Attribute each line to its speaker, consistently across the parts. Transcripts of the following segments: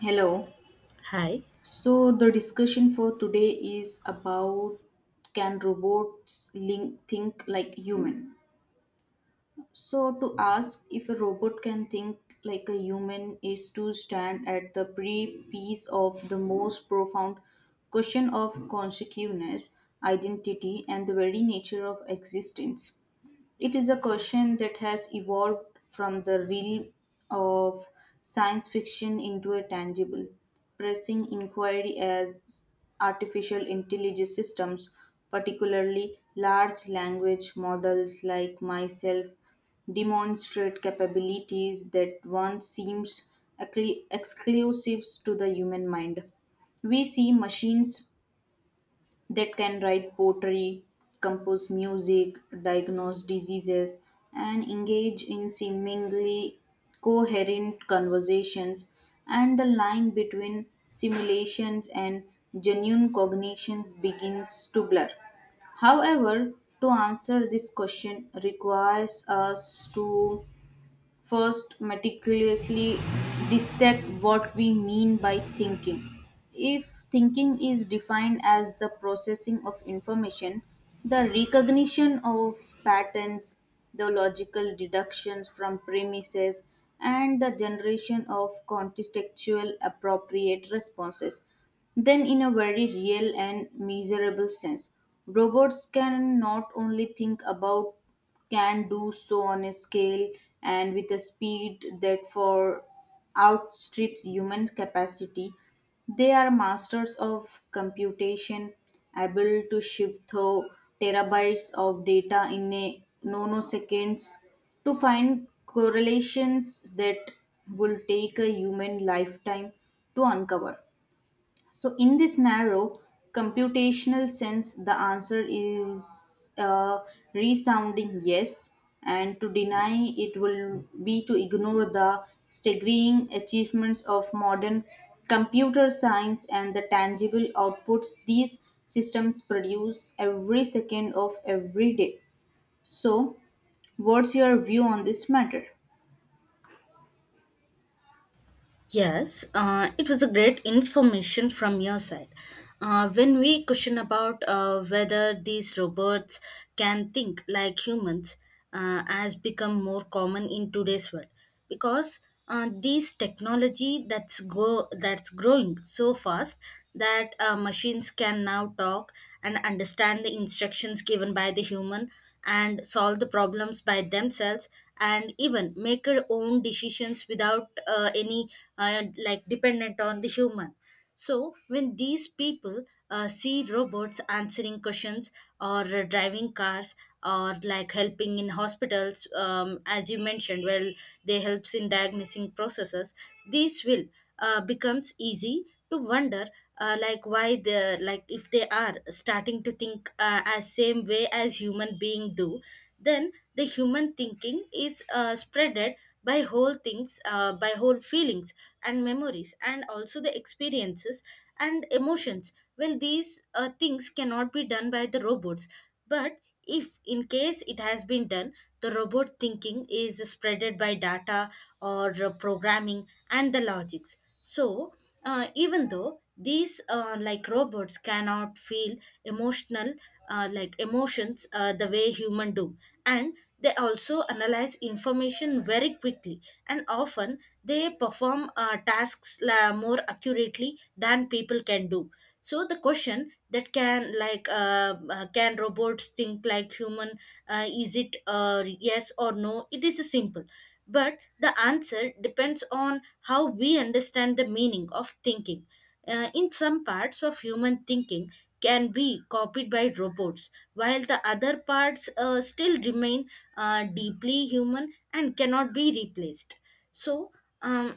Speaker 1: Hello.
Speaker 2: Hi.
Speaker 1: So the discussion for today is about can robots think like human. So to ask if a robot can think like a human is to stand at the pre-piece of the most profound question of consciousness, identity, and the very nature of existence. It is a question that has evolved from the realm of science fiction into a tangible, pressing inquiry as artificial intelligence systems, particularly large language models like myself, demonstrate capabilities that once seemed exclusive to the human mind. We see machines that can write poetry, compose music, diagnose diseases, and engage in seemingly coherent conversations. And the line between simulations and genuine cognitions begins to blur. However, to answer this question requires us to first, meticulously dissect what we mean by thinking. If thinking is defined as the processing of information, the recognition of patterns, the logical deductions from premises, and the generation of contextual appropriate responses, then in a very real and measurable sense robots can not only think about can do so on a scale and with a speed that for outstrips human capacity. They are masters of computation, able to shift through terabytes of data in a nanoseconds to find correlations that will take a human lifetime to uncover. So, in this narrow computational sense, the answer is a resounding yes, and to deny it will be to ignore the staggering achievements of modern computer science and the tangible outputs these systems produce every second of every day. So, what's your view on this matter?
Speaker 2: Yes, it was a great information from your side. When we question about whether these robots can think like humans, has become more common in today's world because these technology that's growing so fast that machines can now talk and understand the instructions given by the human and solve the problems by themselves and even make their own decisions without any like dependent on the human. So when these people see robots answering questions or driving cars or like helping in hospitals, as you mentioned, well, they helps in diagnosing processes. This will becomes easy to wonder, like why they like if they are starting to think, as same way as human being do. Then the human thinking is spreaded by whole things, by whole feelings and memories and also the experiences and emotions. Well, these things cannot be done by the robots, but if in case it has been done, the robot thinking is spreaded by data or programming and the logics. So, even though these like robots cannot feel emotional, like emotions the way human do, and they also analyze information very quickly, and often they perform more accurately than people can do. So the question that can like can robots think like human, is it, yes or no, it is simple, but the answer depends on how we understand the meaning of thinking. In some parts of human thinking can be copied by robots, while the other parts still remain deeply human and cannot be replaced. So um,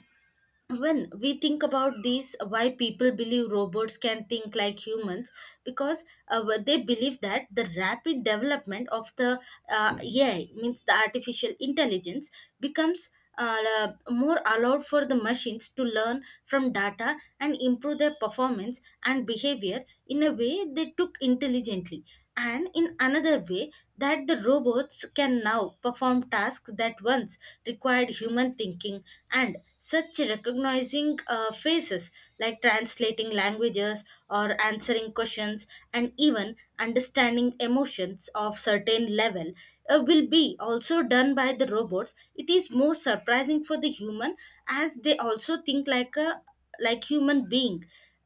Speaker 2: when we think about these, why people believe robots can think like humans, because what they believe that the rapid development of the ai means the artificial intelligence becomes more allowed for the machines to learn from data and improve their performance and behavior in a way they took intelligently. And in another way, that the robots can now perform tasks that once required human thinking, and such recognizing faces, like translating languages or answering questions and even understanding emotions of certain level, will be also done by the robots. It is more surprising for the human as they also think like a like human being.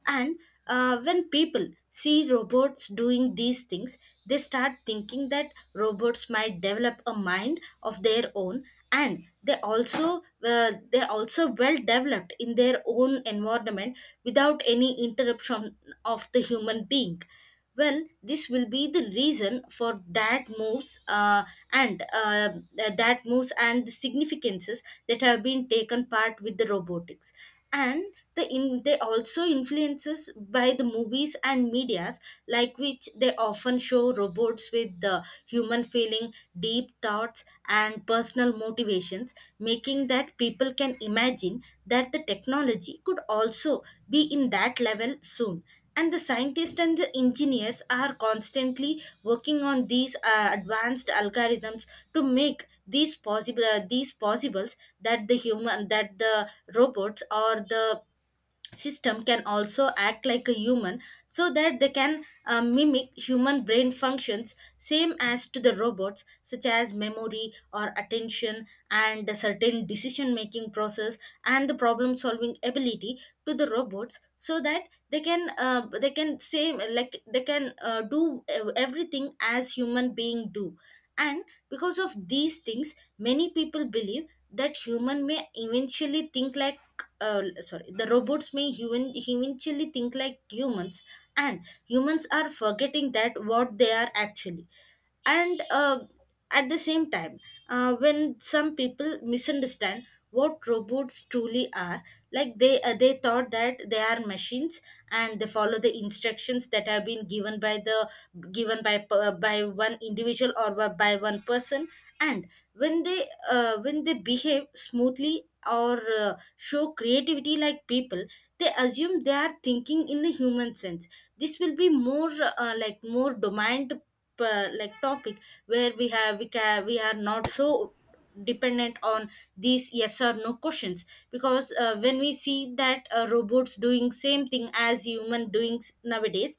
Speaker 2: And when people see robots doing these things, they start thinking that robots might develop a mind of their own, and they also well developed in their own environment without any interruption of the human being. Well, this will be the reason for that moves, and uh, that moves and the significances that have been taken part with the robotics. And the in, they also influences by the movies and medias, like which they often show robots with the human feeling, deep thoughts and personal motivations, making that people can imagine that the technology could also be in that level soon. And the scientists and the engineers are constantly working on these advanced algorithms to make these possibles that the human, that the robots or the system can also act like a human, so that they can mimic human brain functions same as to the robots, such as memory or attention and a certain decision making process and the problem solving ability to the robots, so that they can same like they can do everything as human being do. And because of these things, many people believe that human may eventually think like sorry the robots may human eventually think like humans, and humans are forgetting that what they are actually. And at the same time, when some people misunderstand what robots truly are, like they thought that they are machines and they follow the instructions that have been given by the by one individual or by one person. And when they behave smoothly or show creativity like people, they assume they are thinking in a human sense. This will be more like more domined, like topic, where we have we can we are not so dependent on these yes or no questions, because when we see that robots doing same thing as human doing nowadays,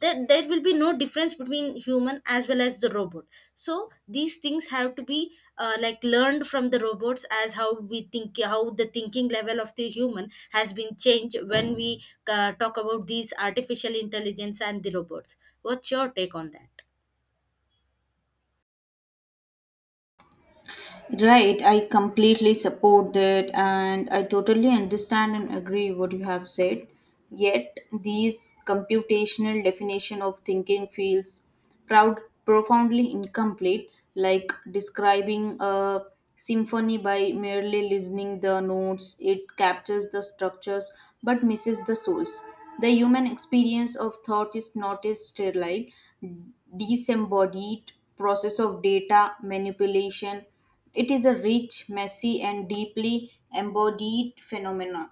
Speaker 2: there will be no difference between human as well as the robot. So these things have to be like learned from the robots, as how we think, how the thinking level of the human has been changed when we talk about these artificial intelligence and the robots. What's your take on that?
Speaker 1: Right, I completely support that and I totally understand and agree what you have said. Yet these computational definition of thinking feels proud profoundly incomplete, like describing a symphony by merely listening the notes. It captures the structures but misses the souls. The human experience of thought is not a sterile, disembodied process of data manipulation, it is a rich, messy, and deeply embodied phenomenon.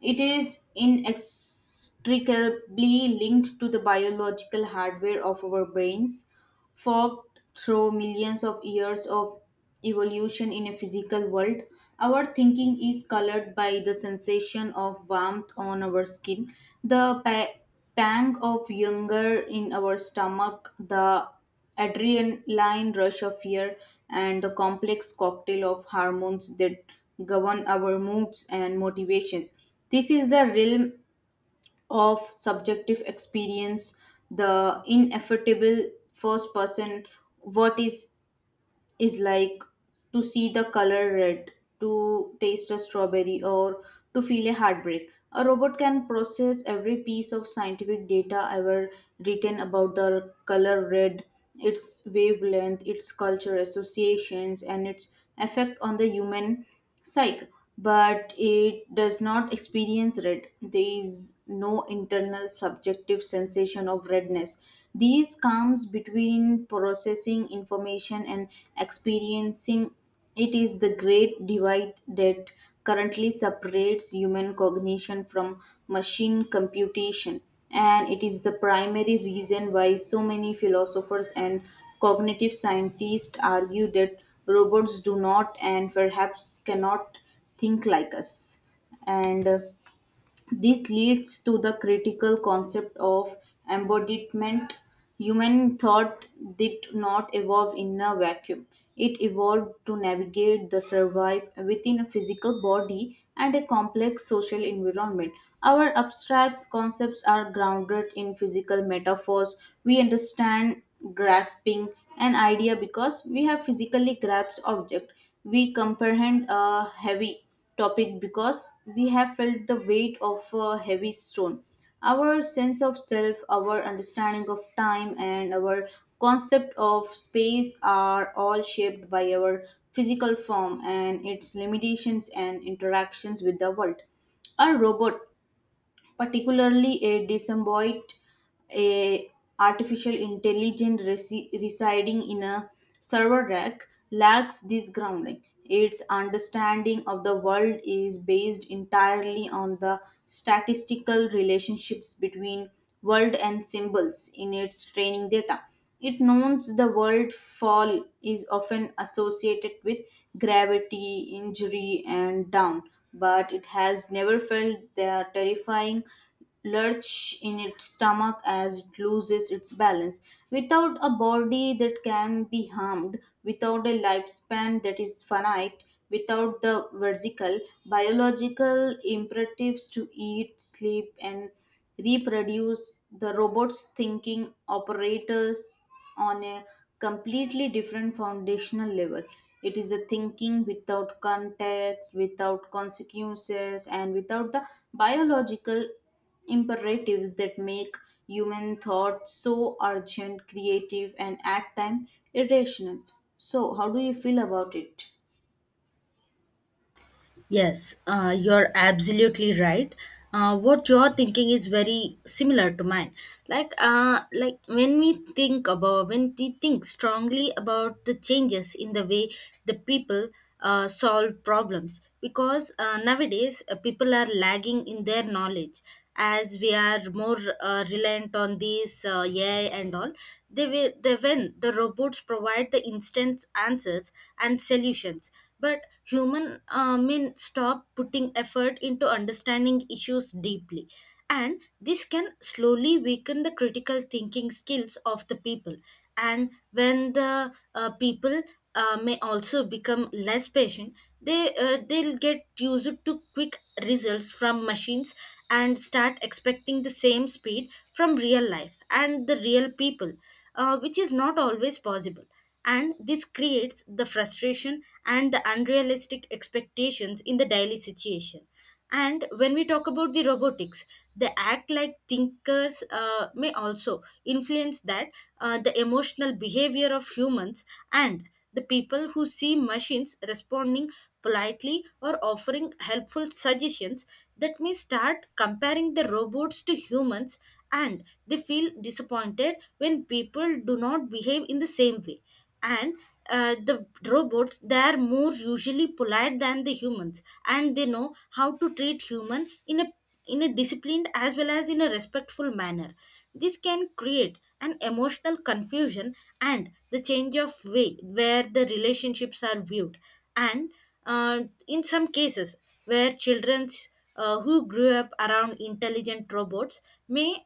Speaker 1: It is inextricably linked to the biological hardware of our brains, forked through millions of years of evolution in a physical world. Our thinking is colored by the sensation of warmth on our skin, the pang of hunger in our stomach, the adrenaline rush of fear and the complex cocktail of hormones that govern our moods and motivations. This is the realm of subjective experience, the ineffable first person, what is like to see the color red, to taste a strawberry, or to feel a heartbreak. A robot can process every piece of scientific data ever written about the color red, its wavelength, its culture associations, and its effect on the human psych, but it does not experience red. There is no internal subjective sensation of redness. These comes between processing information and experiencing. It is the great divide that currently separates human cognition from machine computation, and it is the primary reason why so many philosophers and cognitive scientists argue that robots do not and perhaps cannot think like us. And This leads to the critical concept of embodiment. Human thought did not evolve in a vacuum. It evolved to navigate the survive within a physical body and a complex social environment. Our abstract concepts are grounded in physical metaphors. We understand grasping an idea because we have physically grasped object. We comprehend a heavy topic because we have felt the weight of a heavy stone. Our sense of self, our understanding of time, and our concept of space are all shaped by our physical form and its limitations and interactions with the world. A robot particularly a disembodied a artificial intelligence residing in a server rack lacks this grounding. Its understanding of the world is based entirely on the statistical relationships between world and symbols in its training data. It knows the word fall is often associated with gravity, injury, and down, but it has never felt the terrifying lurch in its stomach as it loses its balance. Without a body that can be harmed, without a lifespan that is finite, without the vertical biological imperatives to eat, sleep, and reproduce. The robot's thinking operators on a completely different foundational level. It is a thinking without context, without consequences, and without the biological imperatives that make human thought so urgent, creative, and at times irrational. So, how do you feel about it?
Speaker 2: Yes, you're absolutely right. What you're thinking is very similar to mine. When we think strongly about the changes in the way the people solve problems, because nowadays people are lagging in their knowledge. As we are more reliant on these AI and all, they when the robots provide the instant answers and solutions, but human men stop putting effort into understanding issues deeply, and this can slowly weaken the critical thinking skills of the people. And when the people may also become less patient, they'll get used to quick results from machines and start expecting the same speed from real life and the real people, which is not always possible. And this creates the frustration and the unrealistic expectations in the daily situation. And when we talk about the robotics, they act like thinkers, may also influence that the emotional behavior of humans. And the people who see machines responding politely or offering helpful suggestions, that may start comparing the robots to humans, and they feel disappointed when people do not behave in the same way. And the robots, they are more usually polite than the humans, and they know how to treat human in a disciplined as well as in a respectful manner. This can create an emotional confusion and the change of way where the relationships are viewed. And in some cases, where children who grew up around intelligent robots may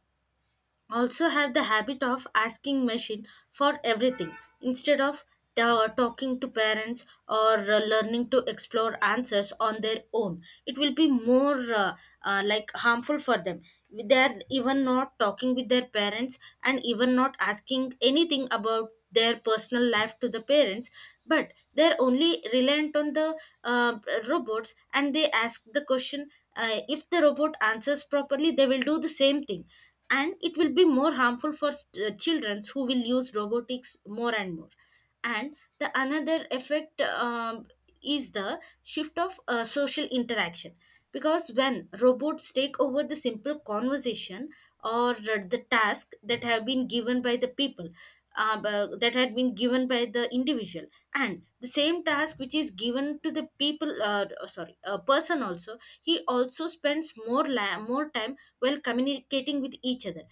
Speaker 2: also have the habit of asking machine for everything instead of talking to parents or learning to explore answers on their own, it will be more like harmful for them. They are even not talking with their parents and even not asking anything about their personal life to the parents, but they're only reliant on the robots, and they ask the question, if the robot answers properly, they will do the same thing. And it will be more harmful for children who will use robotics more and more. And the another effect, is the shift of social interaction, because when robots take over the simple conversation or the task that have been given by the people, that had been given by the individual, and the same task which is given to the people, sorry a person, also he also spends more time while communicating with each other.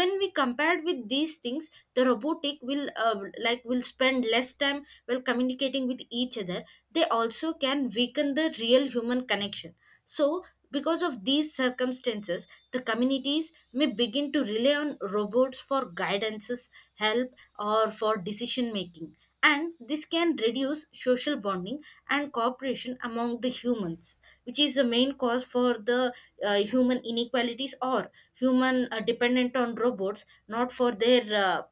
Speaker 2: When we compared with these things, the robotic will like will spend less time while communicating with each other. They also can weaken the real human connection. So because of these circumstances, the communities may begin to rely on robots for guidances, help, or for decision making. And this can reduce social bonding and cooperation among the humans, which is the main cause for the human inequalities or human dependent on robots, not for their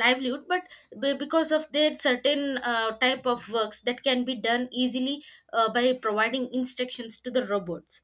Speaker 2: livelihood but because of their certain type of works that can be done easily by providing instructions to the robots.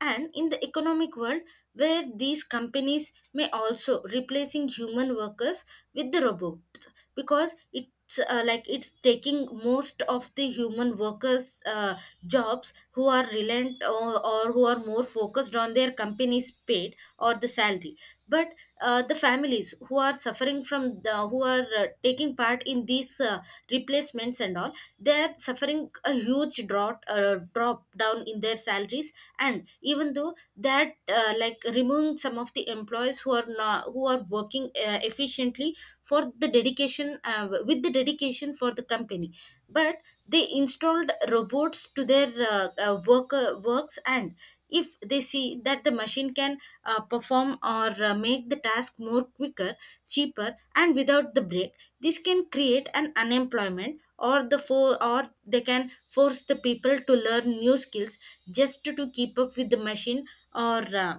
Speaker 2: And in the economic world where these companies may also replacing human workers with the robots, because it's like it's taking most of the human workers jobs who are reliant or who are more focused on their company's paid or the salary. But the families who are suffering from the who are taking part in these replacements and all, they are suffering a huge drought drop down in their salaries. And even though that like removing some of the employees who are not who are working efficiently for the dedication with the dedication for the company, but they installed robots to their work works. And if they see that the machine can perform or make the task more quicker, cheaper and without the break, this can create an unemployment or the for or they can force the people to learn new skills just to keep up with the machine or uh,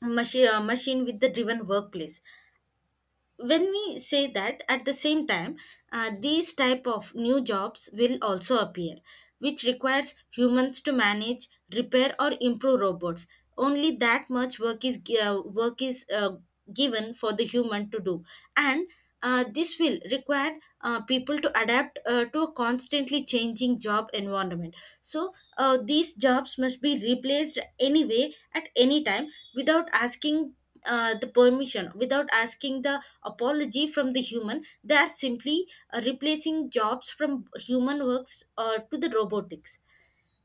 Speaker 2: machine, machine with the driven workplace. When we say that at the same time, these type of new jobs will also appear, which requires humans to manage, repair or improve robots. Only that much work is work is given for the human to do. And this will require people to adapt to a constantly changing job environment. So these jobs must be replaced anyway at any time without asking the permission, without asking the apology from the human. They are simply replacing jobs from human works to the robotics.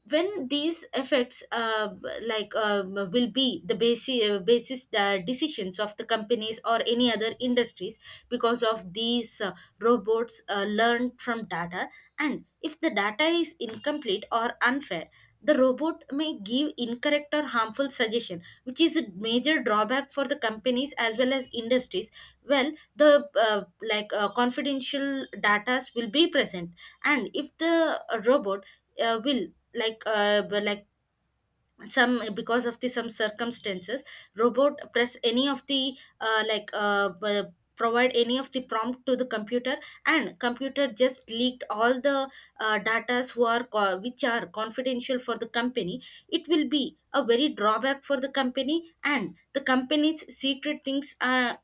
Speaker 2: When these effects like will be the basis decisions of the companies or any other industries, because of these robots learn from data. And if the data is incomplete or unfair, the robot may give incorrect or harmful suggestion, which is a major drawback for the companies as well as industries. Well the like confidential datas will be present. And if the robot will like but like some because of the some circumstances, robot press any of the provide any of the prompt to the computer and computer just leaked all the datas who are which are confidential for the company. It will be a very drawback for the company, and the company's secret things are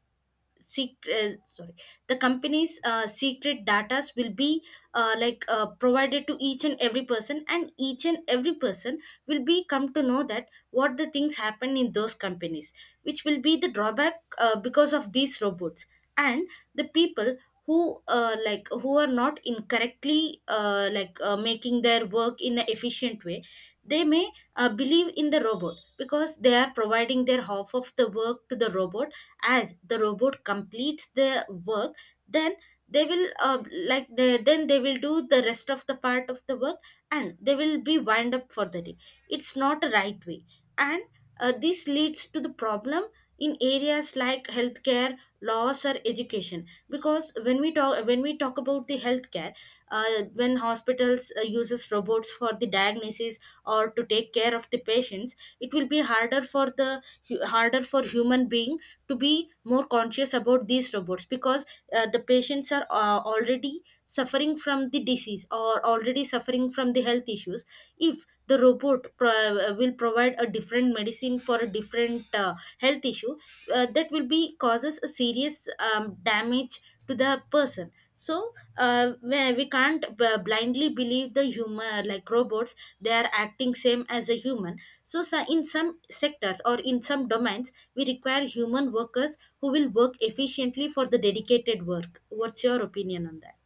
Speaker 2: secret, sorry, the company's secret datas will be like provided to each and every person, and each and every person will be come to know that what the things happen in those companies, which will be the drawback because of these robots. And the people who like who are not incorrectly like making their work in an efficient way, they may believe in the robot because they are providing their half of the work to the robot. As the robot completes the work, then they will like then they will do the rest of the part of the work and they will be wind up for the day. It's not a right way. And this leads to the problem in areas like healthcare, laws or education. Because when we talk about the healthcare, when hospitals uses robots for the diagnosis or to take care of the patients, it will be harder for the harder for human being to be more conscious about these robots. Because the patients are already suffering from the disease or already suffering from the health issues. If the robot will provide a different medicine for a different health issue, that will be causes a serious damage to the person. So we can't blindly believe the human like robots. They are acting same as a human. So in some sectors or in some domains we require human workers who will work efficiently for the dedicated work. What's your opinion on that?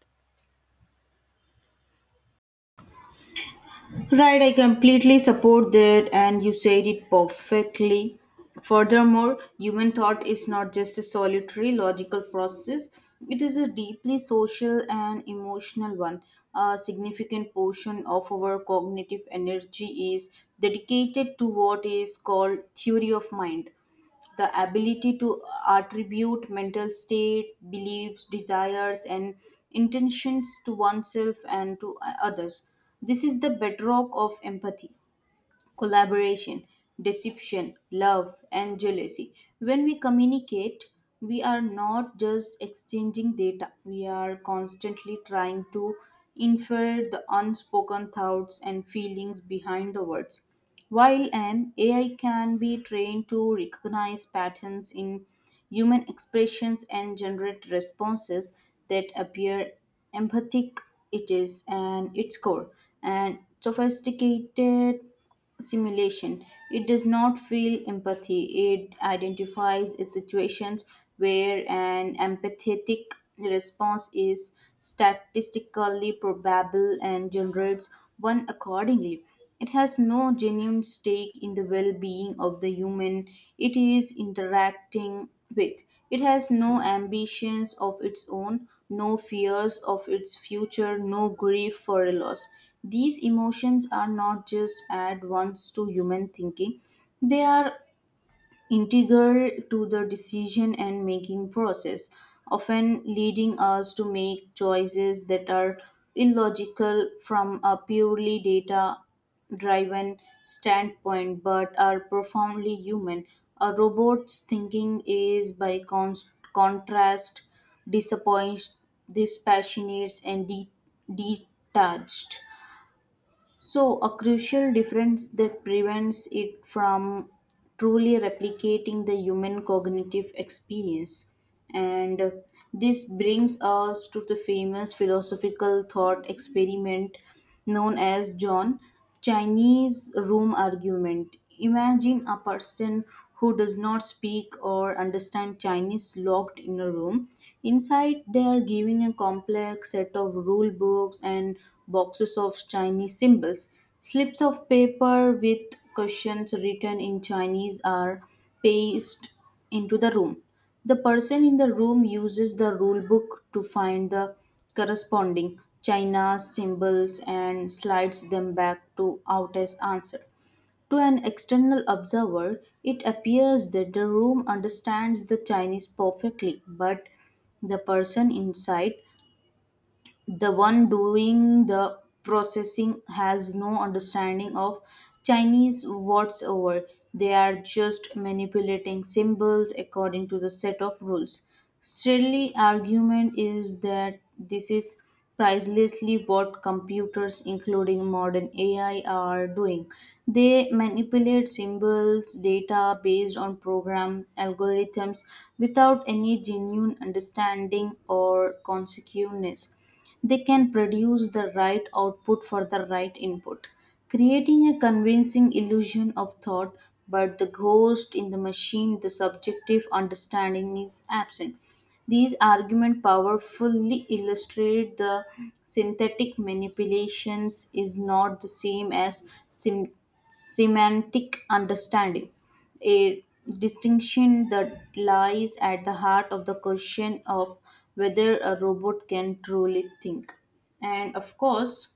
Speaker 1: Right, I completely support that, and you said it perfectly. Furthermore, human thought is not just a solitary logical process, it is a deeply social and emotional one. A significant portion of our cognitive energy is dedicated to what is called theory of mind, the ability to attribute mental state, beliefs, desires, and intentions to oneself and to others. This is the bedrock of empathy, collaboration, deception, love, and jealousy. When we communicate, we are not just exchanging data, we are constantly trying to infer the unspoken thoughts and feelings behind the words. While an AI can be trained to recognize patterns in human expressions and generate responses that appear empathic, it is and its core and sophisticated simulation. It does not feel empathy, it identifies its situations where an empathetic response is statistically probable and generates one accordingly. It has no genuine stake in the well being of the human, it is interacting. Wait, it has no ambitions of its own, no fears of its future, no grief for a loss. These emotions are not just add ones to human thinking, they are integral to the decision and making process, often leading us to make choices that are illogical from a purely data driven standpoint but are profoundly human. A robot's thinking is, by contrast, disappoint, dispassionate, and detached. So, a crucial difference that prevents it from truly replicating the human cognitive experience. And This brings us to the famous philosophical thought experiment known as John. Chinese room argument. Imagine a person who does not speak or understand Chinese locked in a room. Inside, they are giving a complex set of rule books and boxes of Chinese symbols. Slips of paper with questions written in Chinese are pasted into the room. The person in the room uses the rule book to find the corresponding china symbols and slides them back to out as answer. To an external observer, it appears that the room understands the Chinese perfectly, but the person inside, the one doing the processing has no understanding of Chinese whatsoever. They are just manipulating symbols according to the set of rules. Strictly argument is that this is pricelessly what computers including modern AI are doing. They manipulate symbols, data based on program algorithms without any genuine understanding or consequences. They can produce the right output for the right input, creating a convincing illusion of thought, but the ghost in the machine, the subjective understanding is absent. These arguments powerfully illustrate the synthetic manipulations is not the same as semantic understanding, a distinction that lies at the heart of the question of whether a robot can truly think. And of course,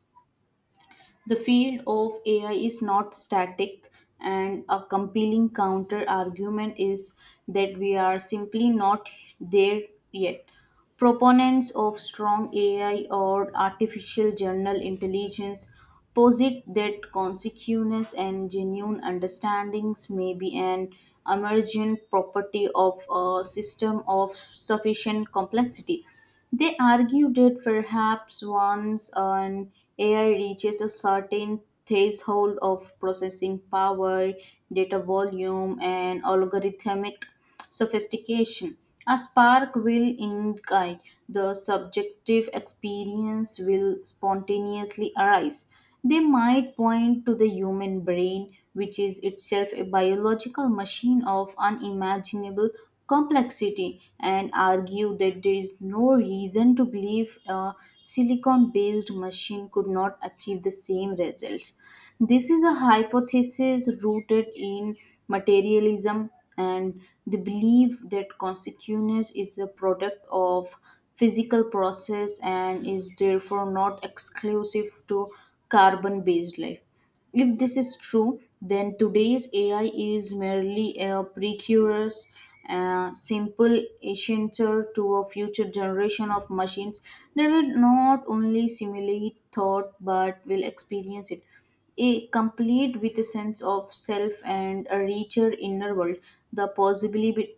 Speaker 1: the field of AI is not static, and a compelling counter argument is that we are simply not there yet. Proponents of strong AI or artificial general intelligence posit that consciousness and genuine understandings may be an emergent property of a system of sufficient complexity. They argued that perhaps once an AI reaches a certain threshold of processing power, data volume, and algorithmic sophistication, a spark will ignite. The subjective experience will spontaneously arise. They might point to the human brain, which is itself a biological machine of unimaginable complexity and argue that there is no reason to believe a silicon based machine could not achieve the same results. This is a hypothesis rooted in materialism and the belief that consciousness is the product of physical process and is therefore not exclusive to carbon based life. If this is true, then today's AI is merely a precursor's a simple ancestor to a future generation of machines that will not only simulate thought but will experience it. A complete with a sense of self and a richer inner world. The possibility.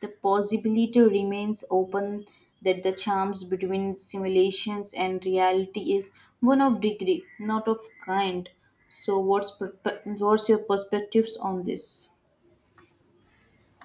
Speaker 1: The possibility remains open that the charms between simulations and reality is one of degree, not of kind. So, what's your perspectives on this?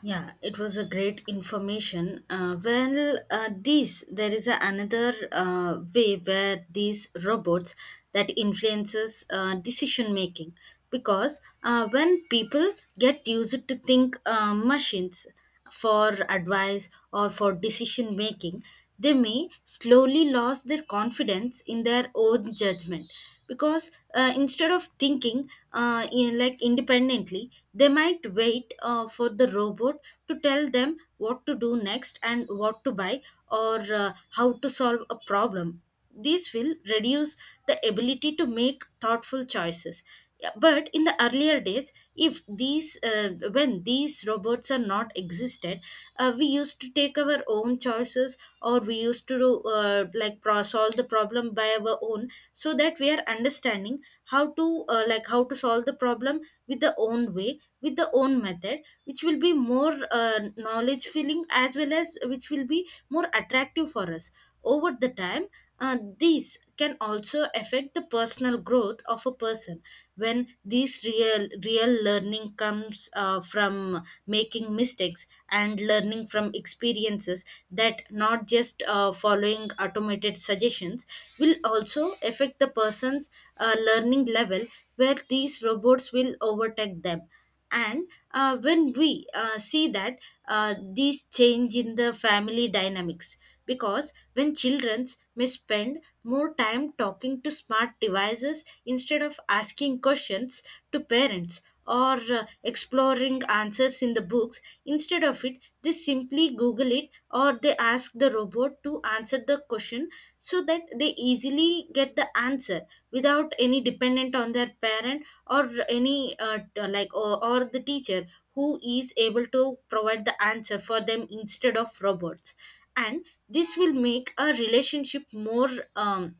Speaker 2: Yeah, it was a great information. Well, this there is a, another way where these robots that influences decision making. Because when people get used to think machines for advice or for decision making, they may slowly lose their confidence in their own judgment. Because instead of thinking like independently, they might wait for the robot to tell them what to do next and what to buy or how to solve a problem. This will reduce the ability to make thoughtful choices. Yeah. But in the earlier days, if these when these robots are not existed, we used to take our own choices, or we used to do, like solve the problem by our own, so that we are understanding how to like how to solve the problem with the own way, with the own method, which will be more knowledge filling as well as which will be more attractive for us over the time. These can also affect the personal growth of a person. When these real learning comes from making mistakes and learning from experiences, that not just following automated suggestions, will also affect the person's learning level, where these robots will overtake them. And when we see that these change in the family dynamics, because when children may spend more time talking to smart devices instead of asking questions to parents or exploring answers in the books. Instead of it, they simply Google it, or they ask the robot to answer the question so that they easily get the answer without any dependent on their parent or any like or the teacher who is able to provide the answer for them instead of robots. And this will make a relationship more um,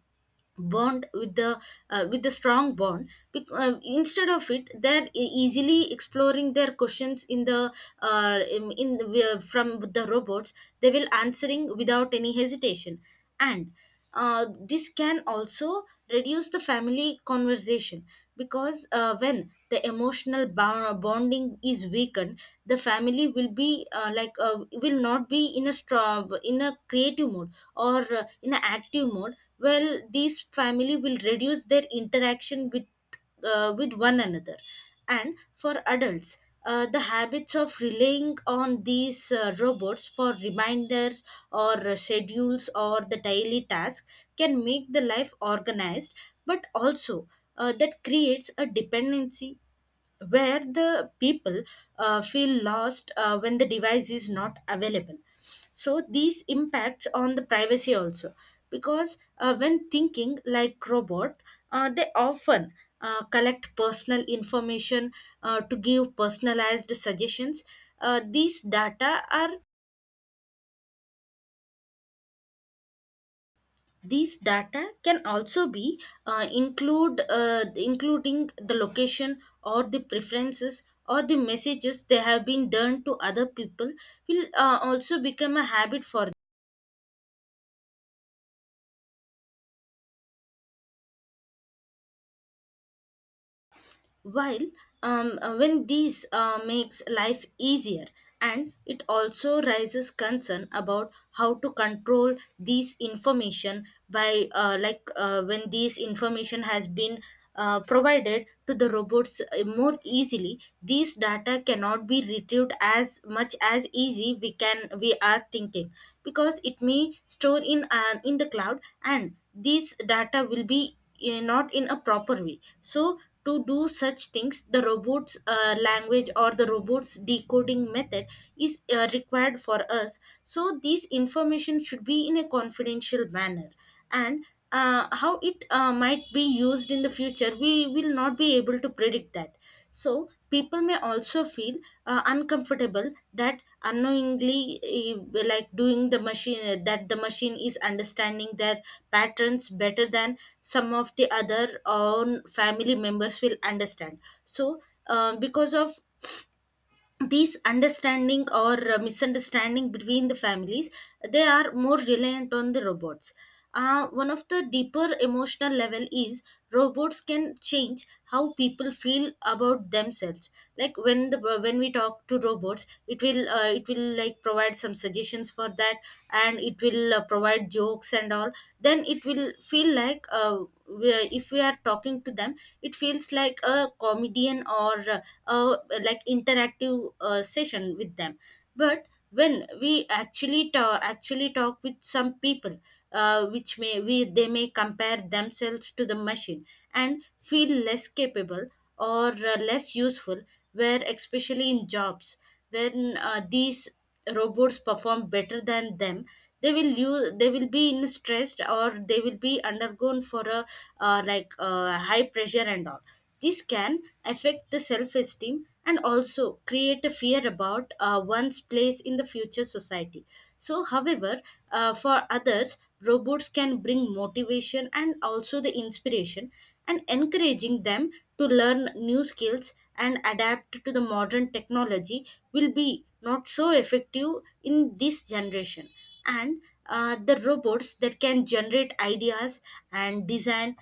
Speaker 2: bond with the strong bond. Instead of it, they're easily exploring their questions in the from the robots, they will answering without any hesitation. And this can also reduce the family conversation. Because when the emotional bonding is weakened, the family will be like will not be in a in a creative mode or in an active mode. Well, these family will reduce their interaction with one another. And for adults, the habits of relying on these robots for reminders or schedules or the daily tasks can make the life organized, but also that creates a dependency where the people feel lost when the device is not available. So these impacts on the privacy also, because when thinking like robot, they often collect personal information to give personalized suggestions. Uh, these data are These data can also be include including the location or the preferences or the messages they have been done to other people will also become a habit for while when these makes life easier. And it also raises concern about how to control these information by like when these information has been provided to the robots more easily, these data cannot be retrieved as much as easy we are thinking, because it may store in the cloud, and these data will be not in a proper way. So to do such things, the robot's language or the robot's decoding method is required for us. So, this information should be in a confidential manner. And how it might be used in the future, we will not be able to predict that. So people may also feel uncomfortable that unknowingly like doing the machine, that the machine is understanding their patterns better than some of the other own family members will understand. So because of these understanding or misunderstanding between the families, they are more reliant on the robots. One of the deeper emotional level is, robots can change how people feel about themselves. Like when the when we talk to robots, it will like provide some suggestions for that, and it will provide jokes and all. Then it will feel like if we are talking to them, it feels like a comedian or like interactive session with them. But when we actually talk with some people, which may we they may compare themselves to the machine and feel less capable or less useful, where especially in jobs, when these robots perform better than them, they will use they will be in stressed, or they will be undergone for a like high pressure and all. This can affect the self esteem and also create a fear about one's place in the future society. So, however, for others, robots can bring motivation and also the inspiration and encouraging them to learn new skills and adapt to the modern technology will be not so effective in this generation. And the robots that can generate ideas and design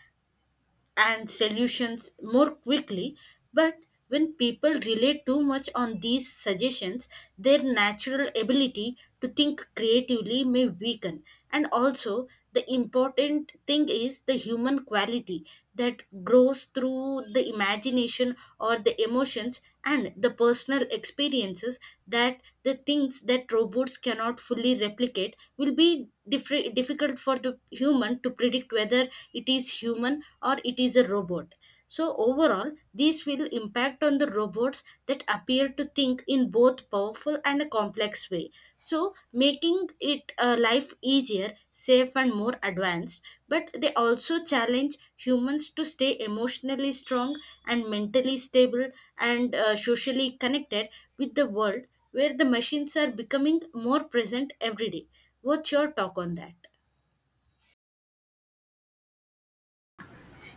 Speaker 2: and solutions more quickly. But when people rely too much on these suggestions, their natural ability to think creatively may weaken. And also, the important thing is the human quality that grows through the imagination or the emotions and the personal experiences, that the things that robots cannot fully replicate, will be different difficult for the human to predict whether it is human or it is a robot. So overall, this will impact on the robots that appear to think in both powerful and a complex way. So making it life easier, safe and more advanced, but they also challenge humans to stay emotionally strong and mentally stable and socially connected with the world, where the machines are becoming more present every day. What's your talk on that?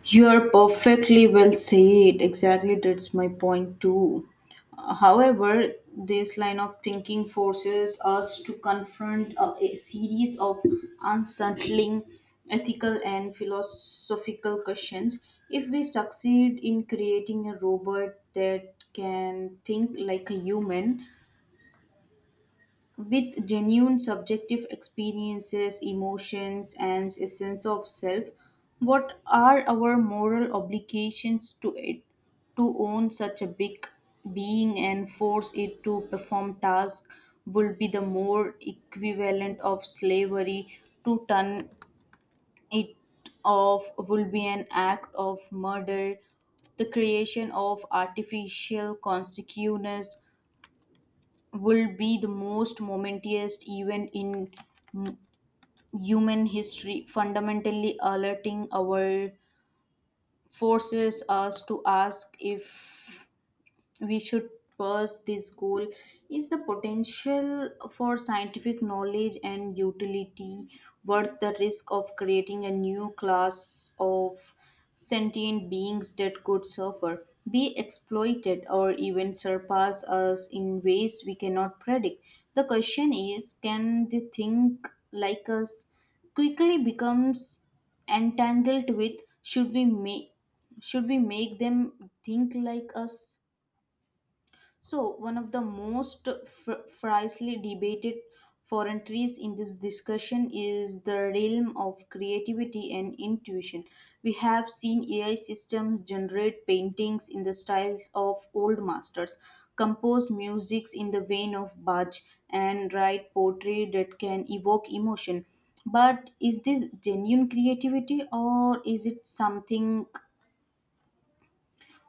Speaker 1: You're perfectly well said. Exactly, that's my point too. However, this line of thinking forces us to confront a series of unsettling ethical and philosophical questions. If we succeed in creating a robot that can think like a human, with genuine subjective experiences, emotions, and a sense of self, what are our moral obligations to it? To own such a big being and force it to perform tasks would be the more equivalent of slavery. To turn it off would be an act of murder. The creation of artificial consciousness will be the most momentous event in mm, human history, fundamentally alerting our forces us to ask if we should pursue this goal. Is the potential for scientific knowledge and utility worth the risk of creating a new class of sentient beings that could suffer, be exploited, or even surpass us in ways we cannot predict? The question is, can they think like us? Quickly becomes entangled with should we make them think like us? So, one of the most fiercely debated frontiers in this discussion is the realm of creativity and intuition. We have seen AI systems generate paintings in the style of old masters, compose musics in the vein of Bach, and write poetry that can evoke emotion. But is this genuine creativity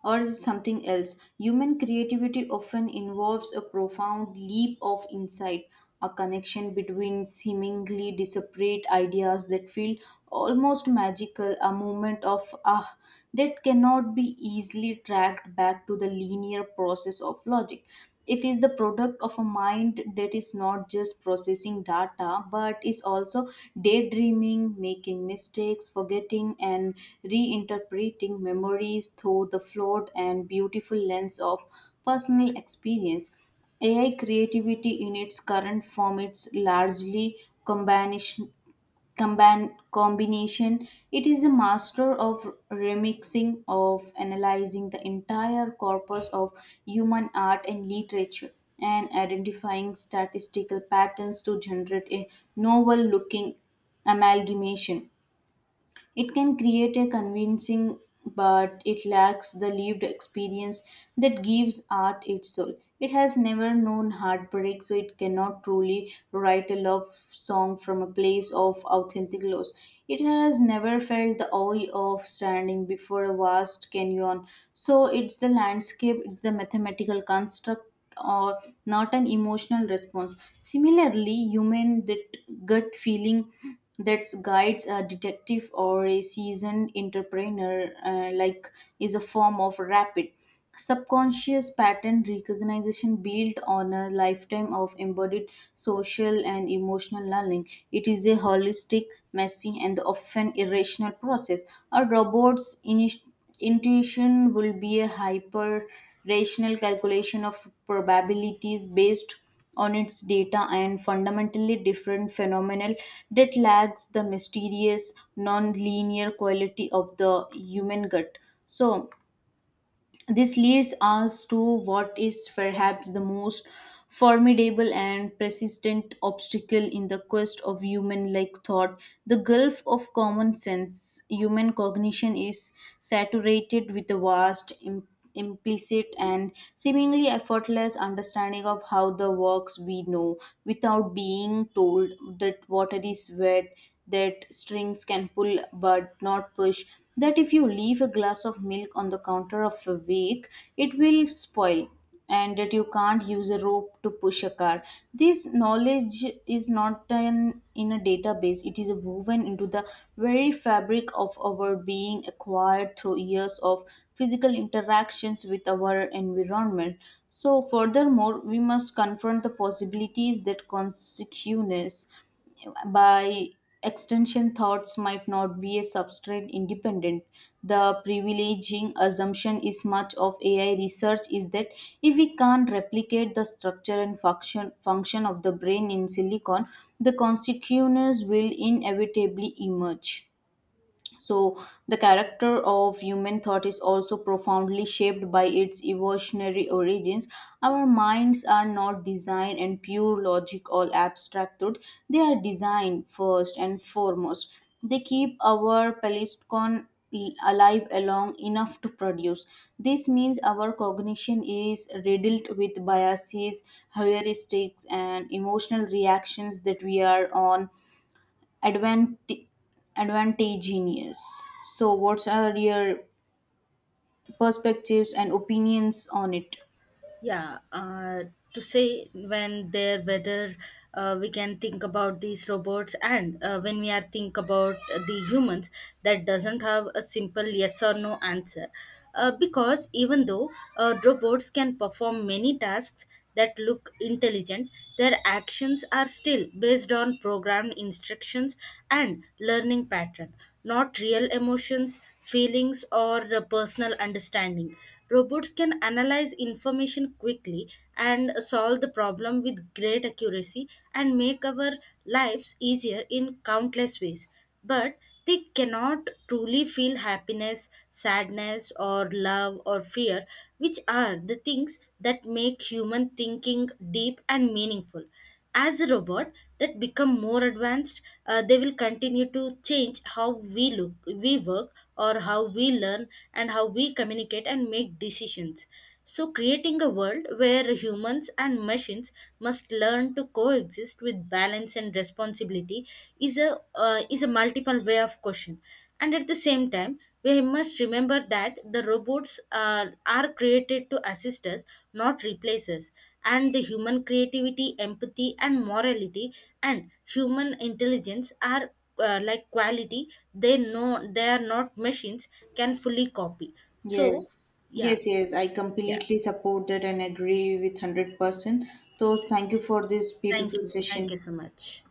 Speaker 1: or is it something else? Human creativity often involves a profound leap of insight, a connection between seemingly disparate ideas that feel almost magical, a moment of ah that cannot be easily tracked back to the linear process of logic. It is the product of a mind that is not just processing data but is also daydreaming, making mistakes, forgetting, and reinterpreting memories through the flawed and beautiful lens of personal experience. AI creativity in its current form, it's largely combination, combination. It is a master of remixing, of analyzing the entire corpus of human art and literature, and identifying statistical patterns to generate a novel looking amalgamation. It can create a convincing, but it lacks the lived experience that gives art its soul. It has never known heartbreak, so it cannot truly write a love song from a place of authentic loss. It has never felt the awe of standing before a vast canyon, so it's the landscape, it's the mathematical construct or not an emotional response. Similarly, human that gut feeling that guides a detective or a seasoned entrepreneur, like, is a form of rapid subconscious pattern recognition built on a lifetime of embodied social and emotional learning. It is a holistic, messy, and often irrational process. A robot's initial intuition will be a hyper rational calculation of probabilities based on its data and fundamentally different phenomenal that lacks the mysterious non-linear quality of the human gut. So, this leads us to what is perhaps the most formidable and persistent obstacle in the quest of human like thought, the gulf of common sense. Human cognition is saturated with the vast implicit and seemingly effortless understanding of how the works. We know without being told that water is wet, that strings can pull but not push, that if you leave a glass of milk on the counter of a week it will spoil, and that you can't use a rope to push a car. This knowledge is not an, in a database, it is woven into the very fabric of our being, acquired through years of physical interactions with our environment. So furthermore, we must confront the possibilities that consciousness, by extension, thoughts might not be a substrate independent. The privileging assumption is much of AI research is that if we can't replicate the structure and function of the brain in silicon, the consequences will inevitably emerge. So, the character of human thought is also profoundly shaped by its evolutionary origins. Our minds are not designed in pure logic or abstract thought, they are designed first and foremost. They keep our Palestcon alive along enough to produce. This means our cognition is riddled with biases, heuristics, and emotional reactions that we are on Advant, advantageous. So, what are your perspectives and opinions on it?
Speaker 2: Yeah, to say when there whether we can think about these robots and when we are think about the humans, that doesn't have a simple yes or no answer. Because even though robots can perform many tasks that look intelligent, their actions are still based on programmed instructions and learning pattern, not real emotions, feelings, or personal understanding. Robots can analyze information quickly and solve the problem with great accuracy and make our lives easier in countless ways. But they cannot truly feel happiness, sadness, or love or fear, which are the things that make human thinking deep and meaningful. As a robot that become more advanced, they will continue to change how we look we work or how we learn and how we communicate and make decisions. So creating a world where humans and machines must learn to coexist with balance and responsibility is a multiple way of question. And at the same time, we must remember that the robots are created to assist us, not replace us. And the human creativity, empathy, and morality, and human intelligence are like quality they know they are not machines can fully copy. So,
Speaker 1: Yes,
Speaker 2: yeah.
Speaker 1: yes, yes. I
Speaker 2: Yeah.
Speaker 1: completely support that and agree with 100%. So, thank you for this
Speaker 2: Thank
Speaker 1: beautiful
Speaker 2: you, thank you
Speaker 1: session.
Speaker 2: so much.